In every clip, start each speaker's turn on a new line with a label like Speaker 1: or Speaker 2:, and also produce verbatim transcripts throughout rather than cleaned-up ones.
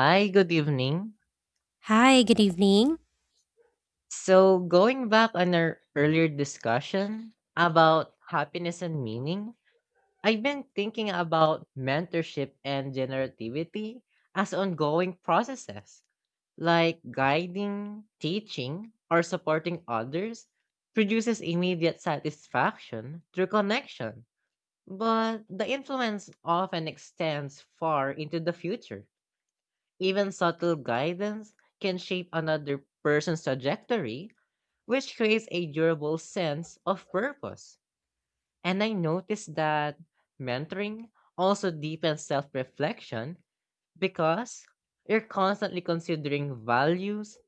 Speaker 1: Hi, good evening.
Speaker 2: Hi, good evening.
Speaker 1: So, going back on our earlier discussion about happiness and meaning, I've been thinking about mentorship and generativity as ongoing processes, like guiding, teaching, or supporting others produces immediate satisfaction through connection, but the influence often extends far into the future. Even subtle guidance can shape another person's trajectory, which creates a durable sense of purpose. And I noticed that mentoring also deepens self reflection because you're constantly considering values,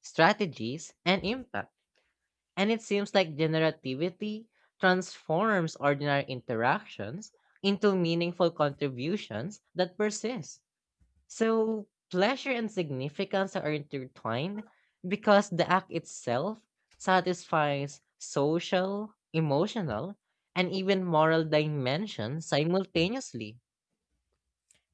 Speaker 1: strategies, and impact. And it seems like generativity transforms ordinary interactions into meaningful contributions that persist. So, pleasure and significance are intertwined because the act itself satisfies social, emotional, and even moral dimensions simultaneously.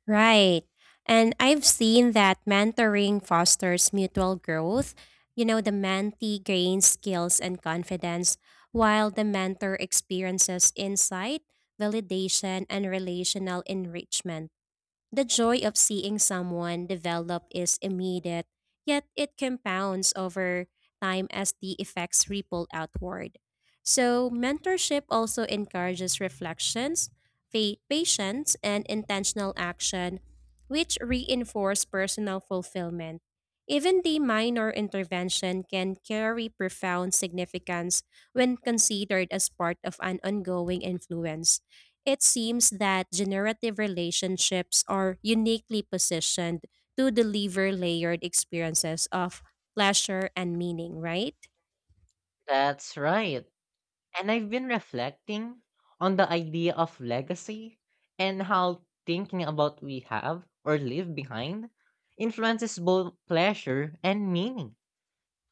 Speaker 2: Right. And I've seen that mentoring fosters mutual growth. You know, the mentee gains skills and confidence, while the mentor experiences insight, validation, and relational enrichment. The joy of seeing someone develop is immediate, yet it compounds over time as the effects ripple outward. So, mentorship also encourages reflections, fa- patience, and intentional action, which reinforce personal fulfillment. Even the minor intervention can carry profound significance when considered as part of an ongoing influence. It seems that generative relationships are uniquely positioned to deliver layered experiences of pleasure and meaning, right?
Speaker 1: That's right. And I've been reflecting on the idea of legacy and how thinking about we have or leave behind influences both pleasure and meaning.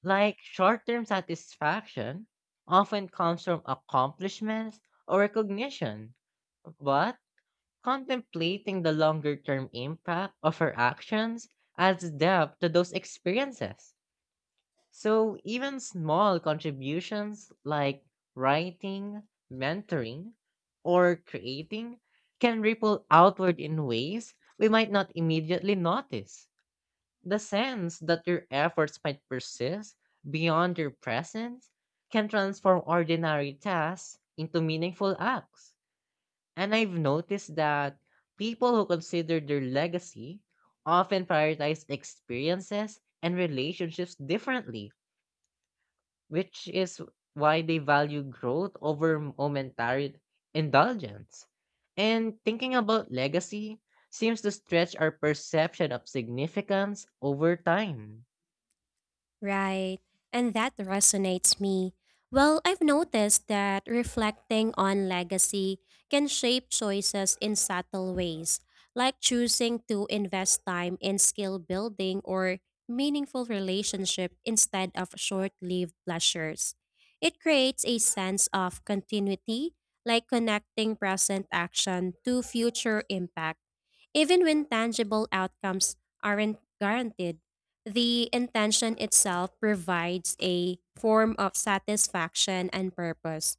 Speaker 1: Like short term satisfaction often comes from accomplishments or recognition, but contemplating the longer term impact of our actions adds depth to those experiences. So even small contributions like writing, mentoring, or creating can ripple outward in ways we might not immediately notice. The sense that your efforts might persist beyond your presence can transform ordinary tasks into meaningful acts. And I've noticed that people who consider their legacy often prioritize experiences and relationships differently, which is why they value growth over momentary indulgence. And thinking about legacy seems to stretch our perception of significance over time.
Speaker 2: Right. And that resonates me. Well, I've noticed that reflecting on legacy can shape choices in subtle ways, like choosing to invest time in skill building or meaningful relationship instead of short-lived pleasures. It creates a sense of continuity, like connecting present action to future impact. Even when tangible outcomes aren't guaranteed, the intention itself provides a form of satisfaction and purpose.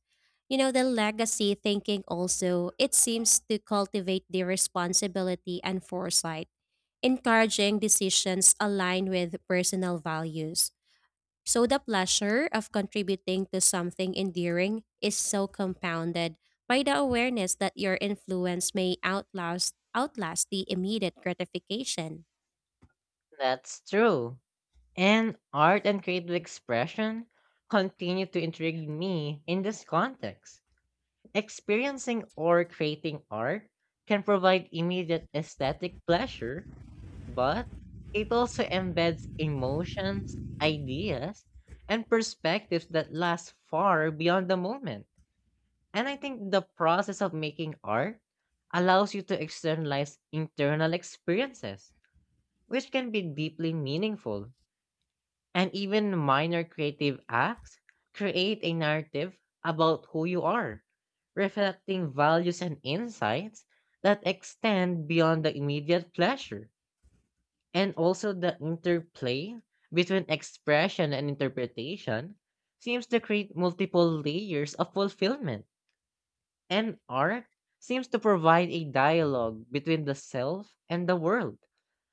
Speaker 2: You know, the legacy thinking also, it seems to cultivate the responsibility and foresight, encouraging decisions aligned with personal values. So the pleasure of contributing to something endearing is so compounded by the awareness that your influence may outlast outlast the immediate gratification.
Speaker 1: That's true. And art and creative expression continue to intrigue me in this context. Experiencing or creating art can provide immediate aesthetic pleasure, but it also embeds emotions, ideas, and perspectives that last far beyond the moment. And I think the process of making art allows you to externalize internal experiences, which can be deeply meaningful. And even minor creative acts create a narrative about who you are, reflecting values and insights that extend beyond the immediate pleasure. And also, the interplay between expression and interpretation seems to create multiple layers of fulfillment. And art seems to provide a dialogue between the self and the world,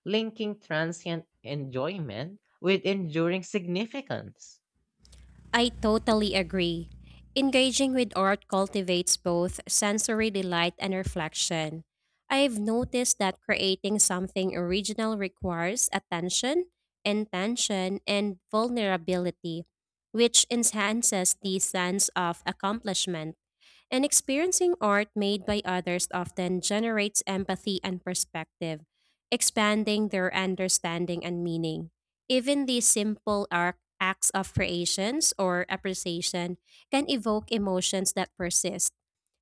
Speaker 1: linking transient enjoyment with enduring significance.
Speaker 2: I totally agree. Engaging with art cultivates both sensory delight and reflection. I've noticed that creating something original requires attention, intention, and vulnerability, which enhances the sense of accomplishment. And experiencing art made by others often generates empathy and perspective, expanding their understanding and meaning. Even these simple arc- acts of creations or appreciation can evoke emotions that persist,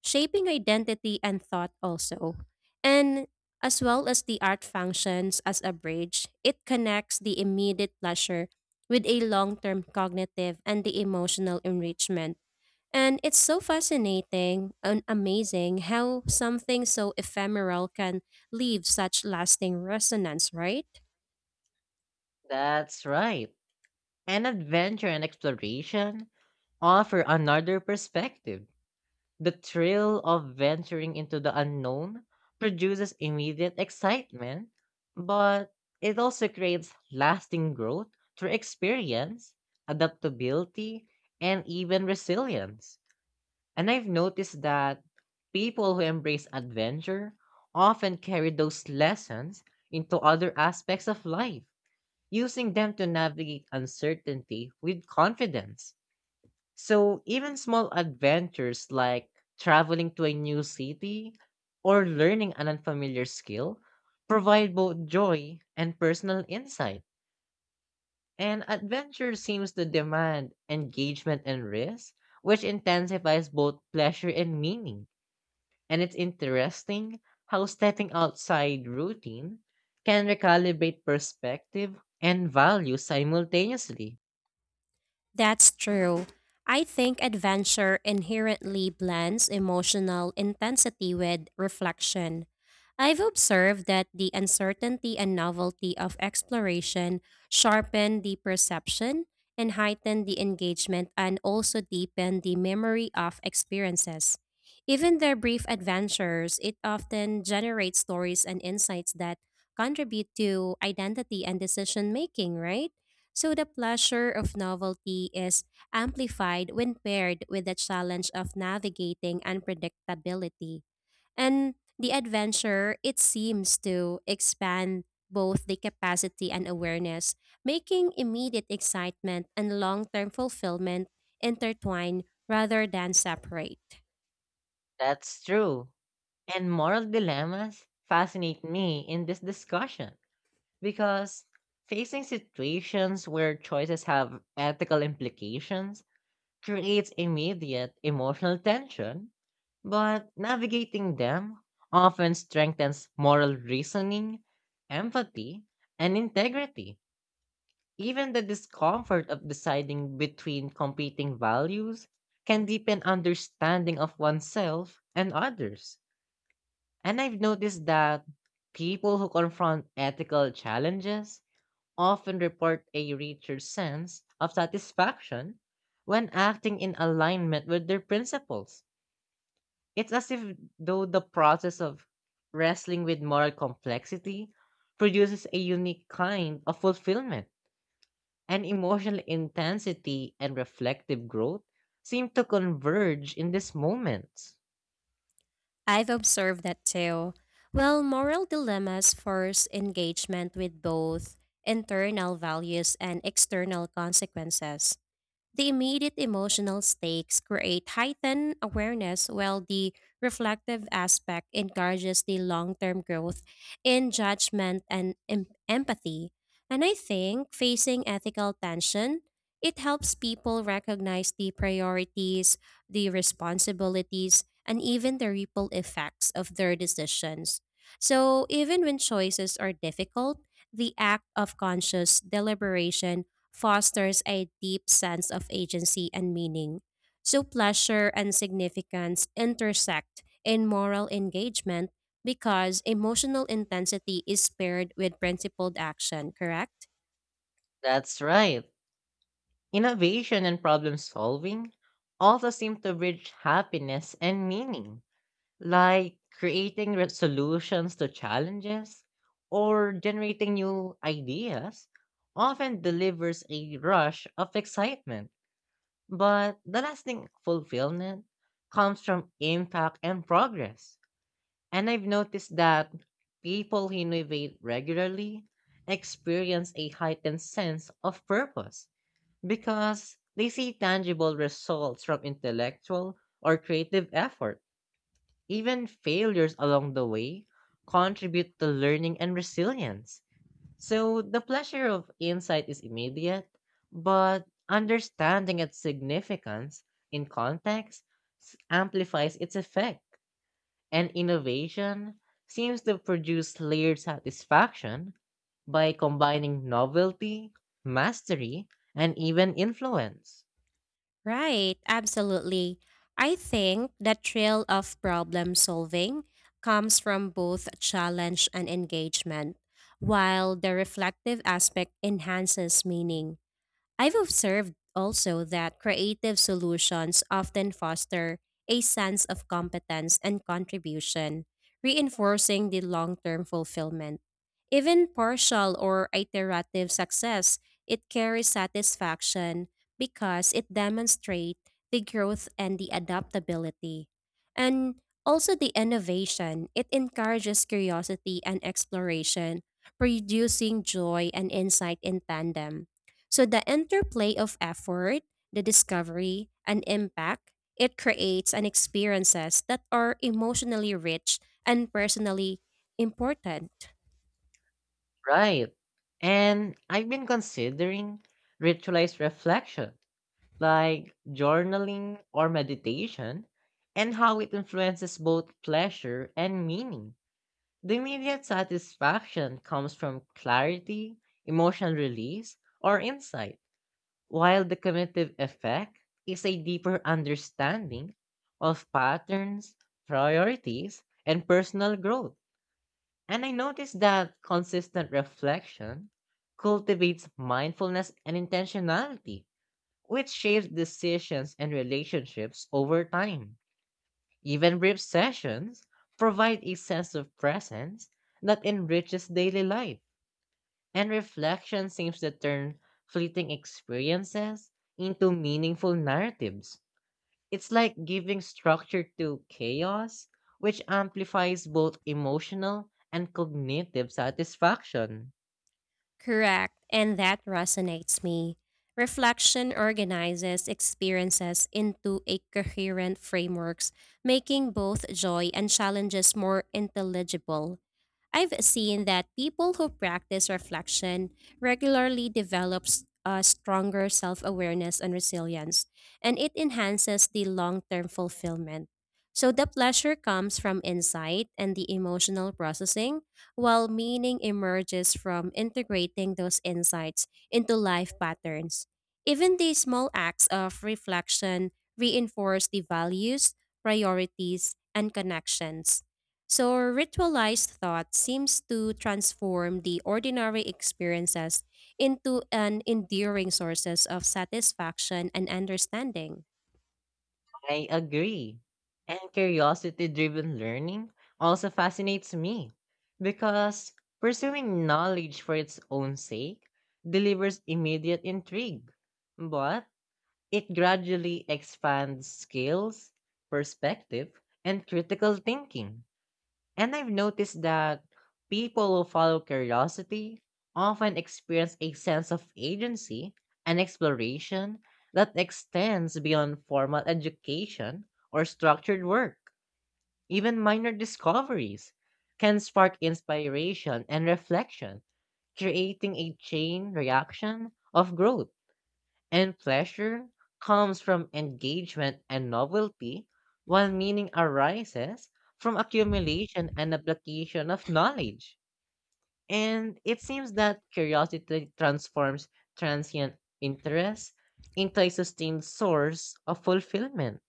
Speaker 2: shaping identity and thought also. And as well as the art functions as a bridge, it connects the immediate pleasure with a long term cognitive and the emotional enrichment. And it's so fascinating and amazing how something so ephemeral can leave such lasting resonance, right?
Speaker 1: That's right. And adventure and exploration offer another perspective. The thrill of venturing into the unknown produces immediate excitement, but it also creates lasting growth through experience, adaptability, and even resilience. And I've noticed that people who embrace adventure often carry those lessons into other aspects of life using them to navigate uncertainty with confidence. So, even small adventures like traveling to a new city or learning an unfamiliar skill provide both joy and personal insight. And adventure seems to demand engagement and risk, which intensifies both pleasure and meaning. And it's interesting how stepping outside routine can recalibrate perspective and value simultaneously.
Speaker 2: That's true. I think adventure inherently blends emotional intensity with reflection. I've observed that the uncertainty and novelty of exploration sharpen the perception and heighten the engagement and also deepen the memory of experiences. Even their brief adventures, it often generates stories and insights that contribute to identity and decision making, right? So the pleasure of novelty is amplified when paired with the challenge of navigating unpredictability. And the adventure, it seems to expand both the capacity and awareness, making immediate excitement and long term fulfillment intertwine rather than separate.
Speaker 1: That's true. And moral dilemmas fascinate me in this discussion because facing situations where choices have ethical implications creates immediate emotional tension, but navigating them often strengthens moral reasoning, empathy, and integrity. Even the discomfort of deciding between competing values can deepen understanding of oneself and others. And I've noticed that people who confront ethical challenges often report a richer sense of satisfaction when acting in alignment with their principles. It's as if though the process of wrestling with moral complexity produces a unique kind of fulfillment, and emotional intensity and reflective growth seem to converge in these moments.
Speaker 2: I've observed that too. Well, moral dilemmas force engagement with both internal values and external consequences. The immediate emotional stakes create heightened awareness, while the reflective aspect encourages the long term growth in judgment and em- empathy. And I think facing ethical tension, it helps people recognize the priorities, the responsibilities, and even the ripple effects of their decisions. So, even when choices are difficult, the act of conscious deliberation fosters a deep sense of agency and meaning. So, pleasure and significance intersect in moral engagement because emotional intensity is paired with principled action, correct?
Speaker 1: That's right. Innovation and problem solving also seem to bridge happiness and meaning, like creating re- solutions to challenges or generating new ideas often delivers a rush of excitement. But the lasting fulfillment comes from impact and progress. And I've noticed that people who innovate regularly experience a heightened sense of purpose because they see tangible results from intellectual or creative effort. Even failures along the way contribute to learning and resilience. So the pleasure of insight is immediate, but understanding its significance in context s- amplifies its effect. And innovation seems to produce layered satisfaction by combining novelty, mastery, and even influence.
Speaker 2: Right, absolutely. I think the thrill of problem solving comes from both challenge and engagement, while the reflective aspect enhances meaning. I've observed also that creative solutions often foster a sense of competence and contribution, reinforcing the long term fulfillment. Even partial or iterative success, it carries satisfaction because it demonstrates the growth and the adaptability. And also the innovation, it encourages curiosity and exploration, producing joy and insight in tandem. So the interplay of effort, the discovery, and impact, it creates an experiences that are emotionally rich and personally important.
Speaker 1: Right. And I've been considering ritualized reflection, like journaling or meditation, and how it influences both pleasure and meaning. The immediate satisfaction comes from clarity, emotional release, or insight, while the cumulative effect is a deeper understanding of patterns, priorities, and personal growth. And I noticed that consistent reflection cultivates mindfulness and intentionality, which shapes decisions and relationships over time. Even brief sessions provide a sense of presence that enriches daily life, and reflection seems to turn fleeting experiences into meaningful narratives. It's like giving structure to chaos, which amplifies both emotional and cognitive satisfaction.
Speaker 2: Correct, and that resonates me. Reflection organizes experiences into a coherent frameworks, making both joy and challenges more intelligible. I've seen that people who practice reflection regularly develop s- a stronger self awareness and resilience, and it enhances the long term fulfillment. So, the pleasure comes from insight and the emotional processing, while meaning emerges from integrating those insights into life patterns. Even the small acts of reflection reinforce the values, priorities, and connections. So, ritualized thought seems to transform the ordinary experiences into an enduring sources of satisfaction and understanding.
Speaker 1: I agree. And curiosity driven learning also fascinates me because pursuing knowledge for its own sake delivers immediate intrigue, but it gradually expands skills, perspective, and critical thinking. And I've noticed that people who follow curiosity often experience a sense of agency and exploration that extends beyond formal education or structured work. Even minor discoveries can spark inspiration and reflection, creating a chain reaction of growth. And pleasure comes from engagement and novelty, while meaning arises from accumulation and application of knowledge. And it seems that curiosity transforms transient interest into a sustained source of fulfillment.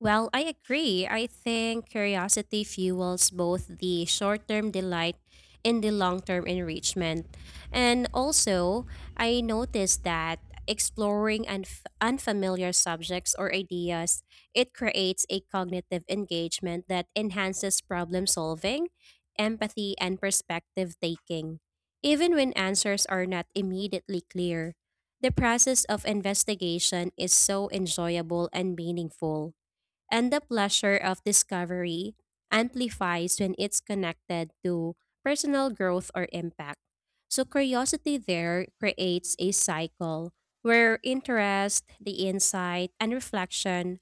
Speaker 2: Well, I agree. I think curiosity fuels both the short term delight and the long term enrichment. And also, I noticed that exploring unf- unfamiliar subjects or ideas it creates a cognitive engagement that enhances problem solving empathy and perspective taking even when answers are not immediately clear the process of investigation is so enjoyable and meaningful and the pleasure of discovery amplifies when it's connected to personal growth or impact. So, curiosity there creates a cycle where interest, the insight, and reflection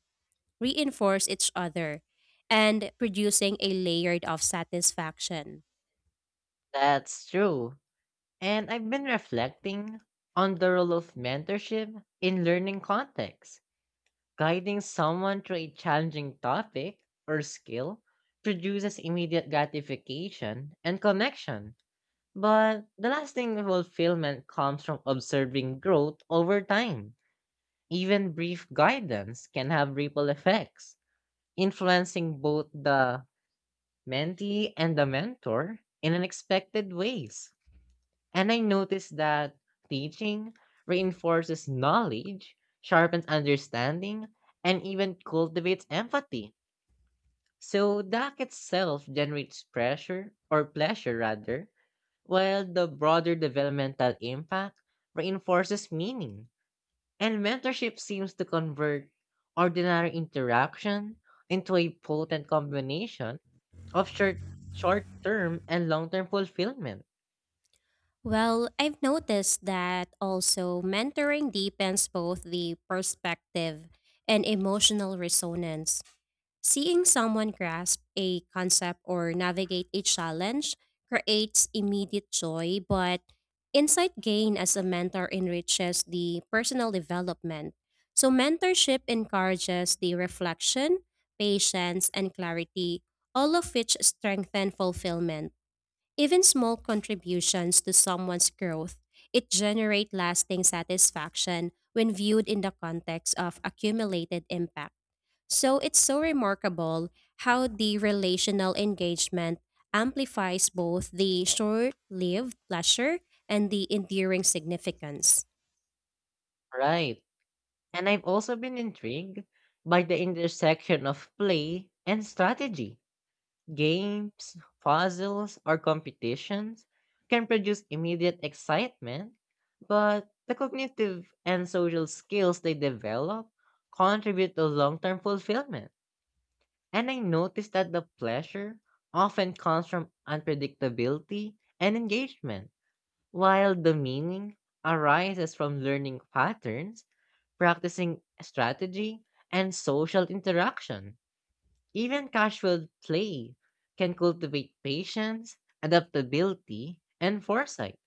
Speaker 2: reinforce each other and producing a layered of satisfaction.
Speaker 1: That's true. And I've been reflecting on the role of mentorship in learning contexts. Guiding someone through a challenging topic or skill produces immediate gratification and connection, but the lasting fulfillment comes from observing growth over time. Even brief guidance can have ripple effects, influencing both the mentee and the mentor in unexpected ways. And I noticed that teaching reinforces knowledge, sharpens understanding, and even cultivates empathy. So the act itself generates pressure or pleasure rather, while the broader developmental impact reinforces meaning. And mentorship seems to convert ordinary interaction into a potent combination of short short-term and long-term fulfillment.
Speaker 2: Well, I've noticed that also mentoring deepens both the perspective and emotional resonance. Seeing someone grasp a concept or navigate a challenge creates immediate joy, but insight gained as a mentor enriches the personal development. So, mentorship encourages the reflection, patience, and clarity, all of which strengthen fulfillment. Even small contributions to someone's growth, it generate lasting satisfaction when viewed in the context of accumulated impact. So it's so remarkable how the relational engagement amplifies both the short lived pleasure and the enduring significance.
Speaker 1: Right. And I've also been intrigued by the intersection of play and strategy. Games, puzzles, or competitions can produce immediate excitement, but the cognitive and social skills they develop contribute to long term fulfillment. And I noticed that the pleasure often comes from unpredictability and engagement, while the meaning arises from learning patterns practicing strategy and social interaction. Even casual play can cultivate patience, adaptability, and foresight,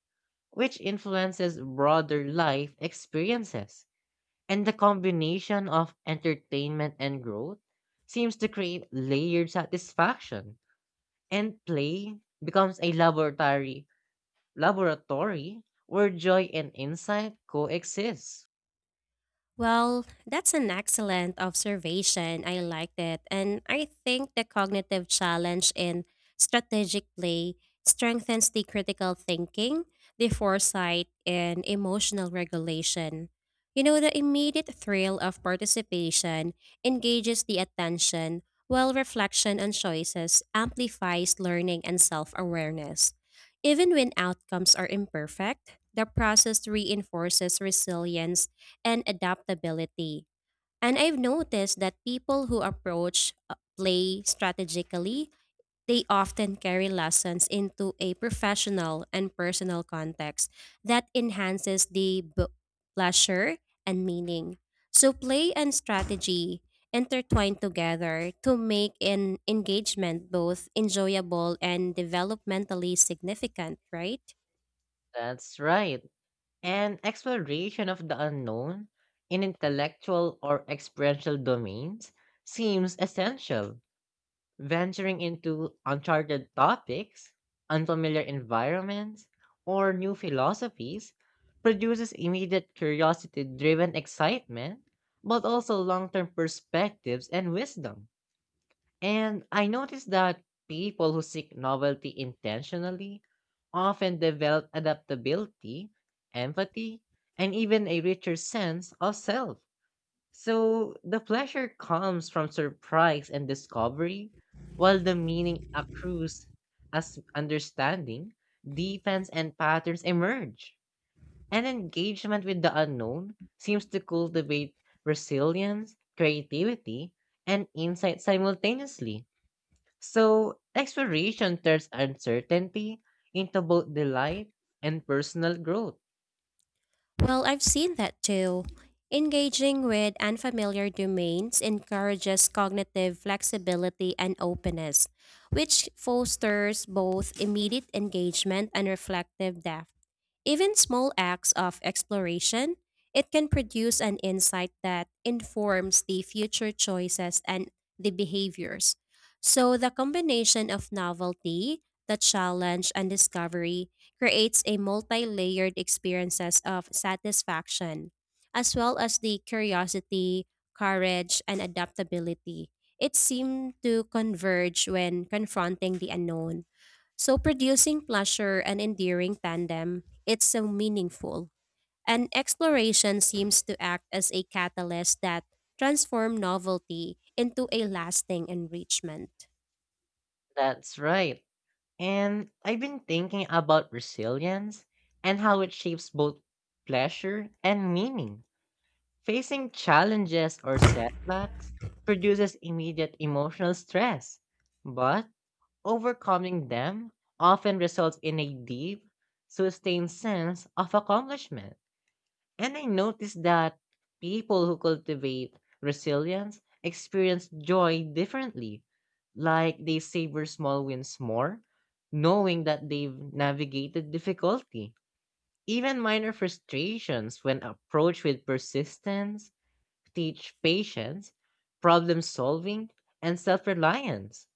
Speaker 1: which influences broader life experiences. And the combination of entertainment and growth seems to create layered satisfaction, and play becomes a laboratory laboratory where joy and insight coexist.
Speaker 2: Well, that's an excellent observation. I liked it. And I think the cognitive challenge in strategic play strengthens the critical thinking, the foresight, and emotional regulation. You know, the immediate thrill of participation engages the attention, while reflection on choices amplifies learning and self awareness. Even when outcomes are imperfect, the process reinforces resilience and adaptability. And I've noticed that people who approach uh, play strategically, they often carry lessons into a professional and personal context that enhances the b- pleasure and meaning. So play and strategy intertwine together to make an engagement both enjoyable and developmentally significant, right?
Speaker 1: That's right. An exploration of the unknown in intellectual or experiential domains seems essential. Venturing into uncharted topics, unfamiliar environments, or new philosophies produces immediate curiosity driven excitement, but also long term perspectives and wisdom. And I noticed that people who seek novelty intentionally often develop adaptability, empathy, and even a richer sense of self. So the pleasure comes from surprise and discovery, while the meaning accrues as understanding deepens and patterns emerge. And engagement with the unknown seems to cultivate resilience, creativity, and insight simultaneously. So, exploration turns uncertainty into both delight and personal growth.
Speaker 2: Well, I've seen that too. Engaging with unfamiliar domains encourages cognitive flexibility and openness, which fosters both immediate engagement and reflective depth. Even small acts of exploration, it can produce an insight that informs the future choices and the behaviors. So, the combination of novelty, the challenge, and discovery creates a multi layered experiences of satisfaction, as well as the curiosity, courage, and adaptability. It seemed to converge when confronting the unknown. So, producing pleasure and endearing tandem it's so meaningful. And exploration seems to act as a catalyst that transform novelty into a lasting enrichment.
Speaker 1: That's right. And I've been thinking about resilience and how it shapes both pleasure and meaning. Facing challenges or setbacks produces immediate emotional stress, but overcoming them often results in a deep, sustained sense of accomplishment. And I noticed that people who cultivate resilience experience joy differently. Like they savor small wins more, knowing that they've navigated difficulty. Even minor frustrations, when approached with persistence, teach patience, problem solving, and self reliance.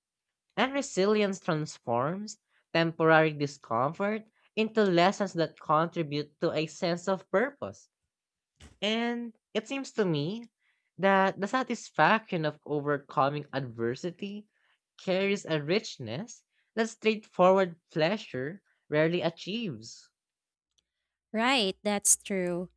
Speaker 1: And resilience transforms temporary discomfort into lessons that contribute to a sense of purpose. And it seems to me that the satisfaction of overcoming adversity carries a richness that straightforward pleasure rarely achieves.
Speaker 2: Right, that's true.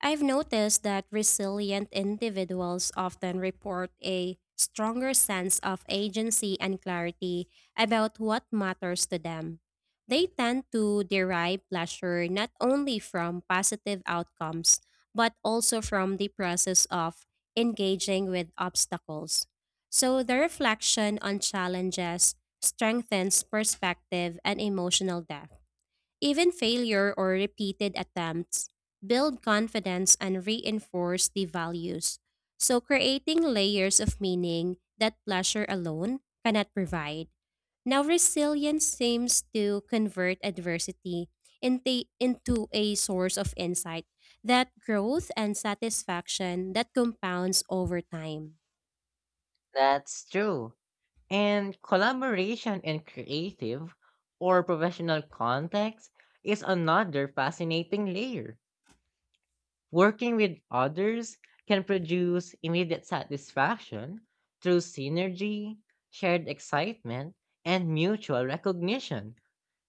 Speaker 2: I've noticed that resilient individuals often report a stronger sense of agency and clarity about what matters to them. They tend to derive pleasure not only from positive outcomes, but also from the process of engaging with obstacles. So, the reflection on challenges strengthens perspective and emotional depth. Even failure or repeated attempts build confidence and reinforce the values. So, creating layers of meaning that pleasure alone cannot provide. Now, resilience seems to convert adversity into, into a source of insight, that growth and satisfaction that compounds over time.
Speaker 1: That's true. And collaboration in creative or professional context is another fascinating layer. Working with others can produce immediate satisfaction through synergy, shared excitement, and mutual recognition.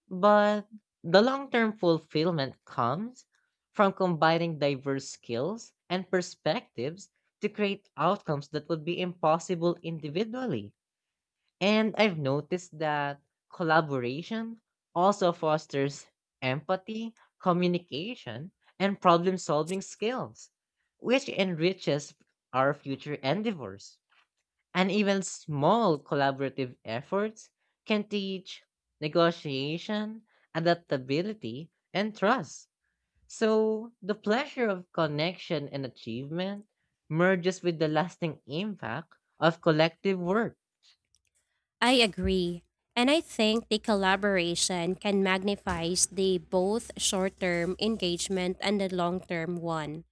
Speaker 1: But the long term fulfillment comes from combining diverse skills and perspectives to create outcomes that would be impossible individually. And I've noticed that collaboration also fosters empathy, communication, and problem solving skills, which enriches our future endeavors. And even small collaborative efforts can teach negotiation, adaptability, and trust. So the pleasure of connection and achievement merges with the lasting impact of collective work.
Speaker 2: I agree. And I think the collaboration can magnify the both short term engagement and the long term one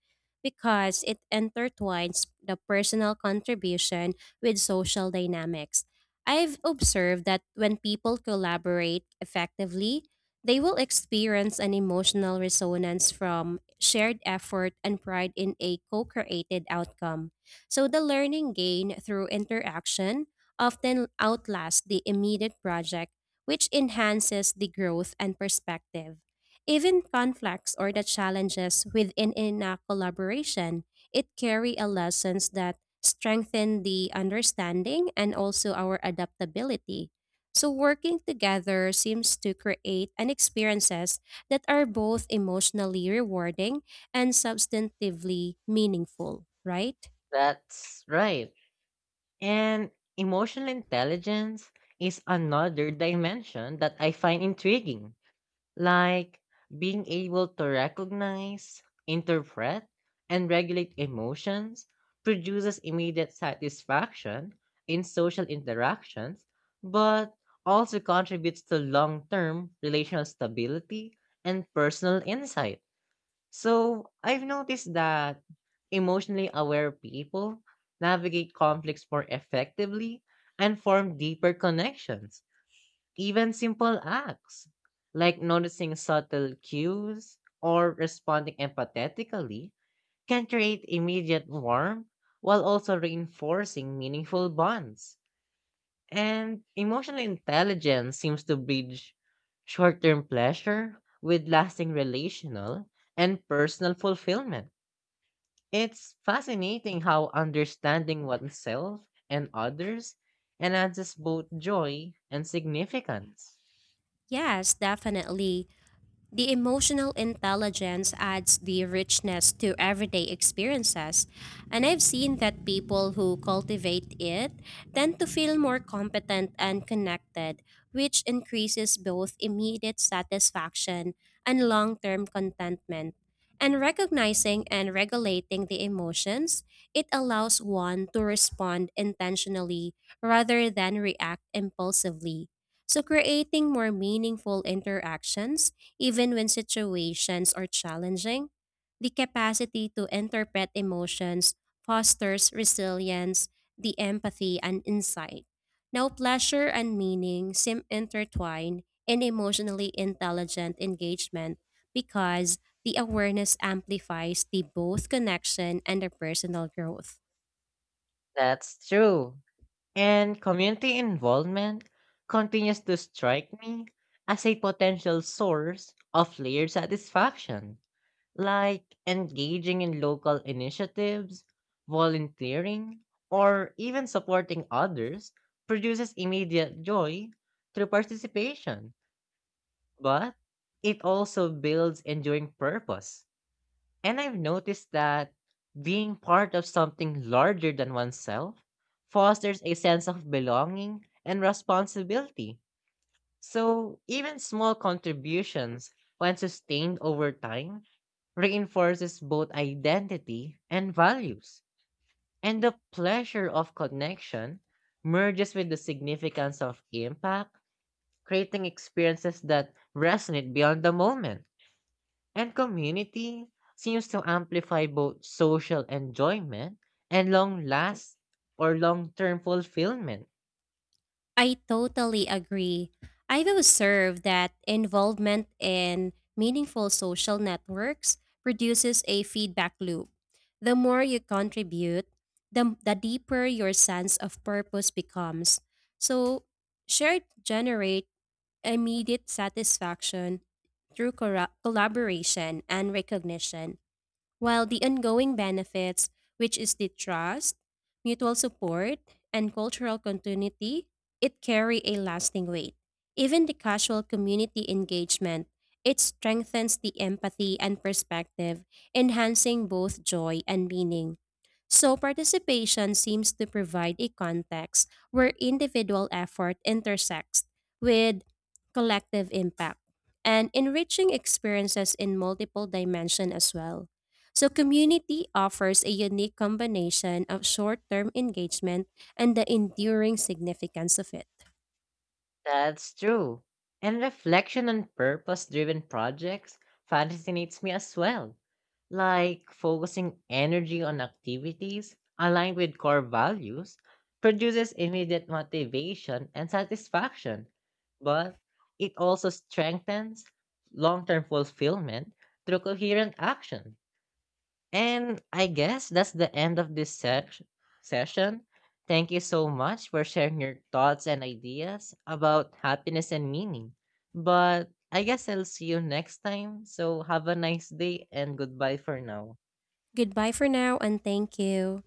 Speaker 2: because it intertwines the personal contribution with social dynamics. I've observed that when people collaborate effectively, they will experience an emotional resonance from shared effort and pride in a co created outcome. So the learning gain through interaction often outlast the immediate project, which enhances the growth and perspective. Even conflicts or the challenges within in a collaboration, it carry a lessons that strengthen the understanding and also our adaptability. So working together seems to create an experiences that are both emotionally rewarding and substantively meaningful, right?
Speaker 1: That's right. And emotional intelligence is another dimension that I find intriguing, like being able to recognize, interpret, and regulate emotions produces immediate satisfaction in social interactions, but also contributes to long term relational stability and personal insight. So I've noticed that emotionally aware people navigate conflicts more effectively and form deeper connections. Even simple acts like noticing subtle cues or responding empathetically can create immediate warmth while also reinforcing meaningful bonds. And emotional intelligence seems to bridge short term pleasure with lasting relational and personal fulfillment. It's fascinating how understanding oneself and others enhances both joy and significance.
Speaker 2: Yes, definitely. The emotional intelligence adds the richness to everyday experiences, and I've seen that people who cultivate it tend to feel more competent and connected, which increases both immediate satisfaction and long term contentment. And recognizing and regulating the emotions, it allows one to respond intentionally rather than react impulsively. So, creating more meaningful interactions even when situations are challenging, the capacity to interpret emotions fosters resilience, the empathy, and insight. Now, pleasure and meaning seem intertwined in emotionally intelligent engagement because the awareness amplifies the both connection and the personal growth.
Speaker 1: That's true. And community involvement continues to strike me as a potential source of player satisfaction, like engaging in local initiatives, volunteering, or even supporting others produces immediate joy through participation, but it also builds enduring purpose. And I've noticed that being part of something larger than oneself fosters a sense of belonging and responsibility. So even small contributions, when sustained over time, reinforces both identity and values. And the pleasure of connection merges with the significance of impact, creating experiences that resonate beyond the moment. And community seems to amplify both social enjoyment and long last or long term fulfillment.
Speaker 2: I totally agree. I've observed that involvement in meaningful social networks produces a feedback loop. The more you contribute, the, the deeper your sense of purpose becomes. So, shared generate immediate satisfaction through corra- collaboration and recognition. While the ongoing benefits, which is the trust, mutual support, and cultural continuity, it carry a lasting weight. Even the casual community engagement, it strengthens the empathy and perspective, enhancing both joy and meaning. So participation seems to provide a context where individual effort intersects with collective impact and enriching experiences in multiple dimension as well. So, community offers a unique combination of short term engagement and the enduring significance of it.
Speaker 1: That's true. And reflection on purpose driven projects fascinates me as well. Like focusing energy on activities aligned with core values produces immediate motivation and satisfaction, but it also strengthens long term fulfillment through coherent action. And I guess that's the end of this se- session. Thank you so much for sharing your thoughts and ideas about happiness and meaning. But I guess I'll see you next time. So have a nice day and goodbye for now.
Speaker 2: Goodbye for now, and thank you.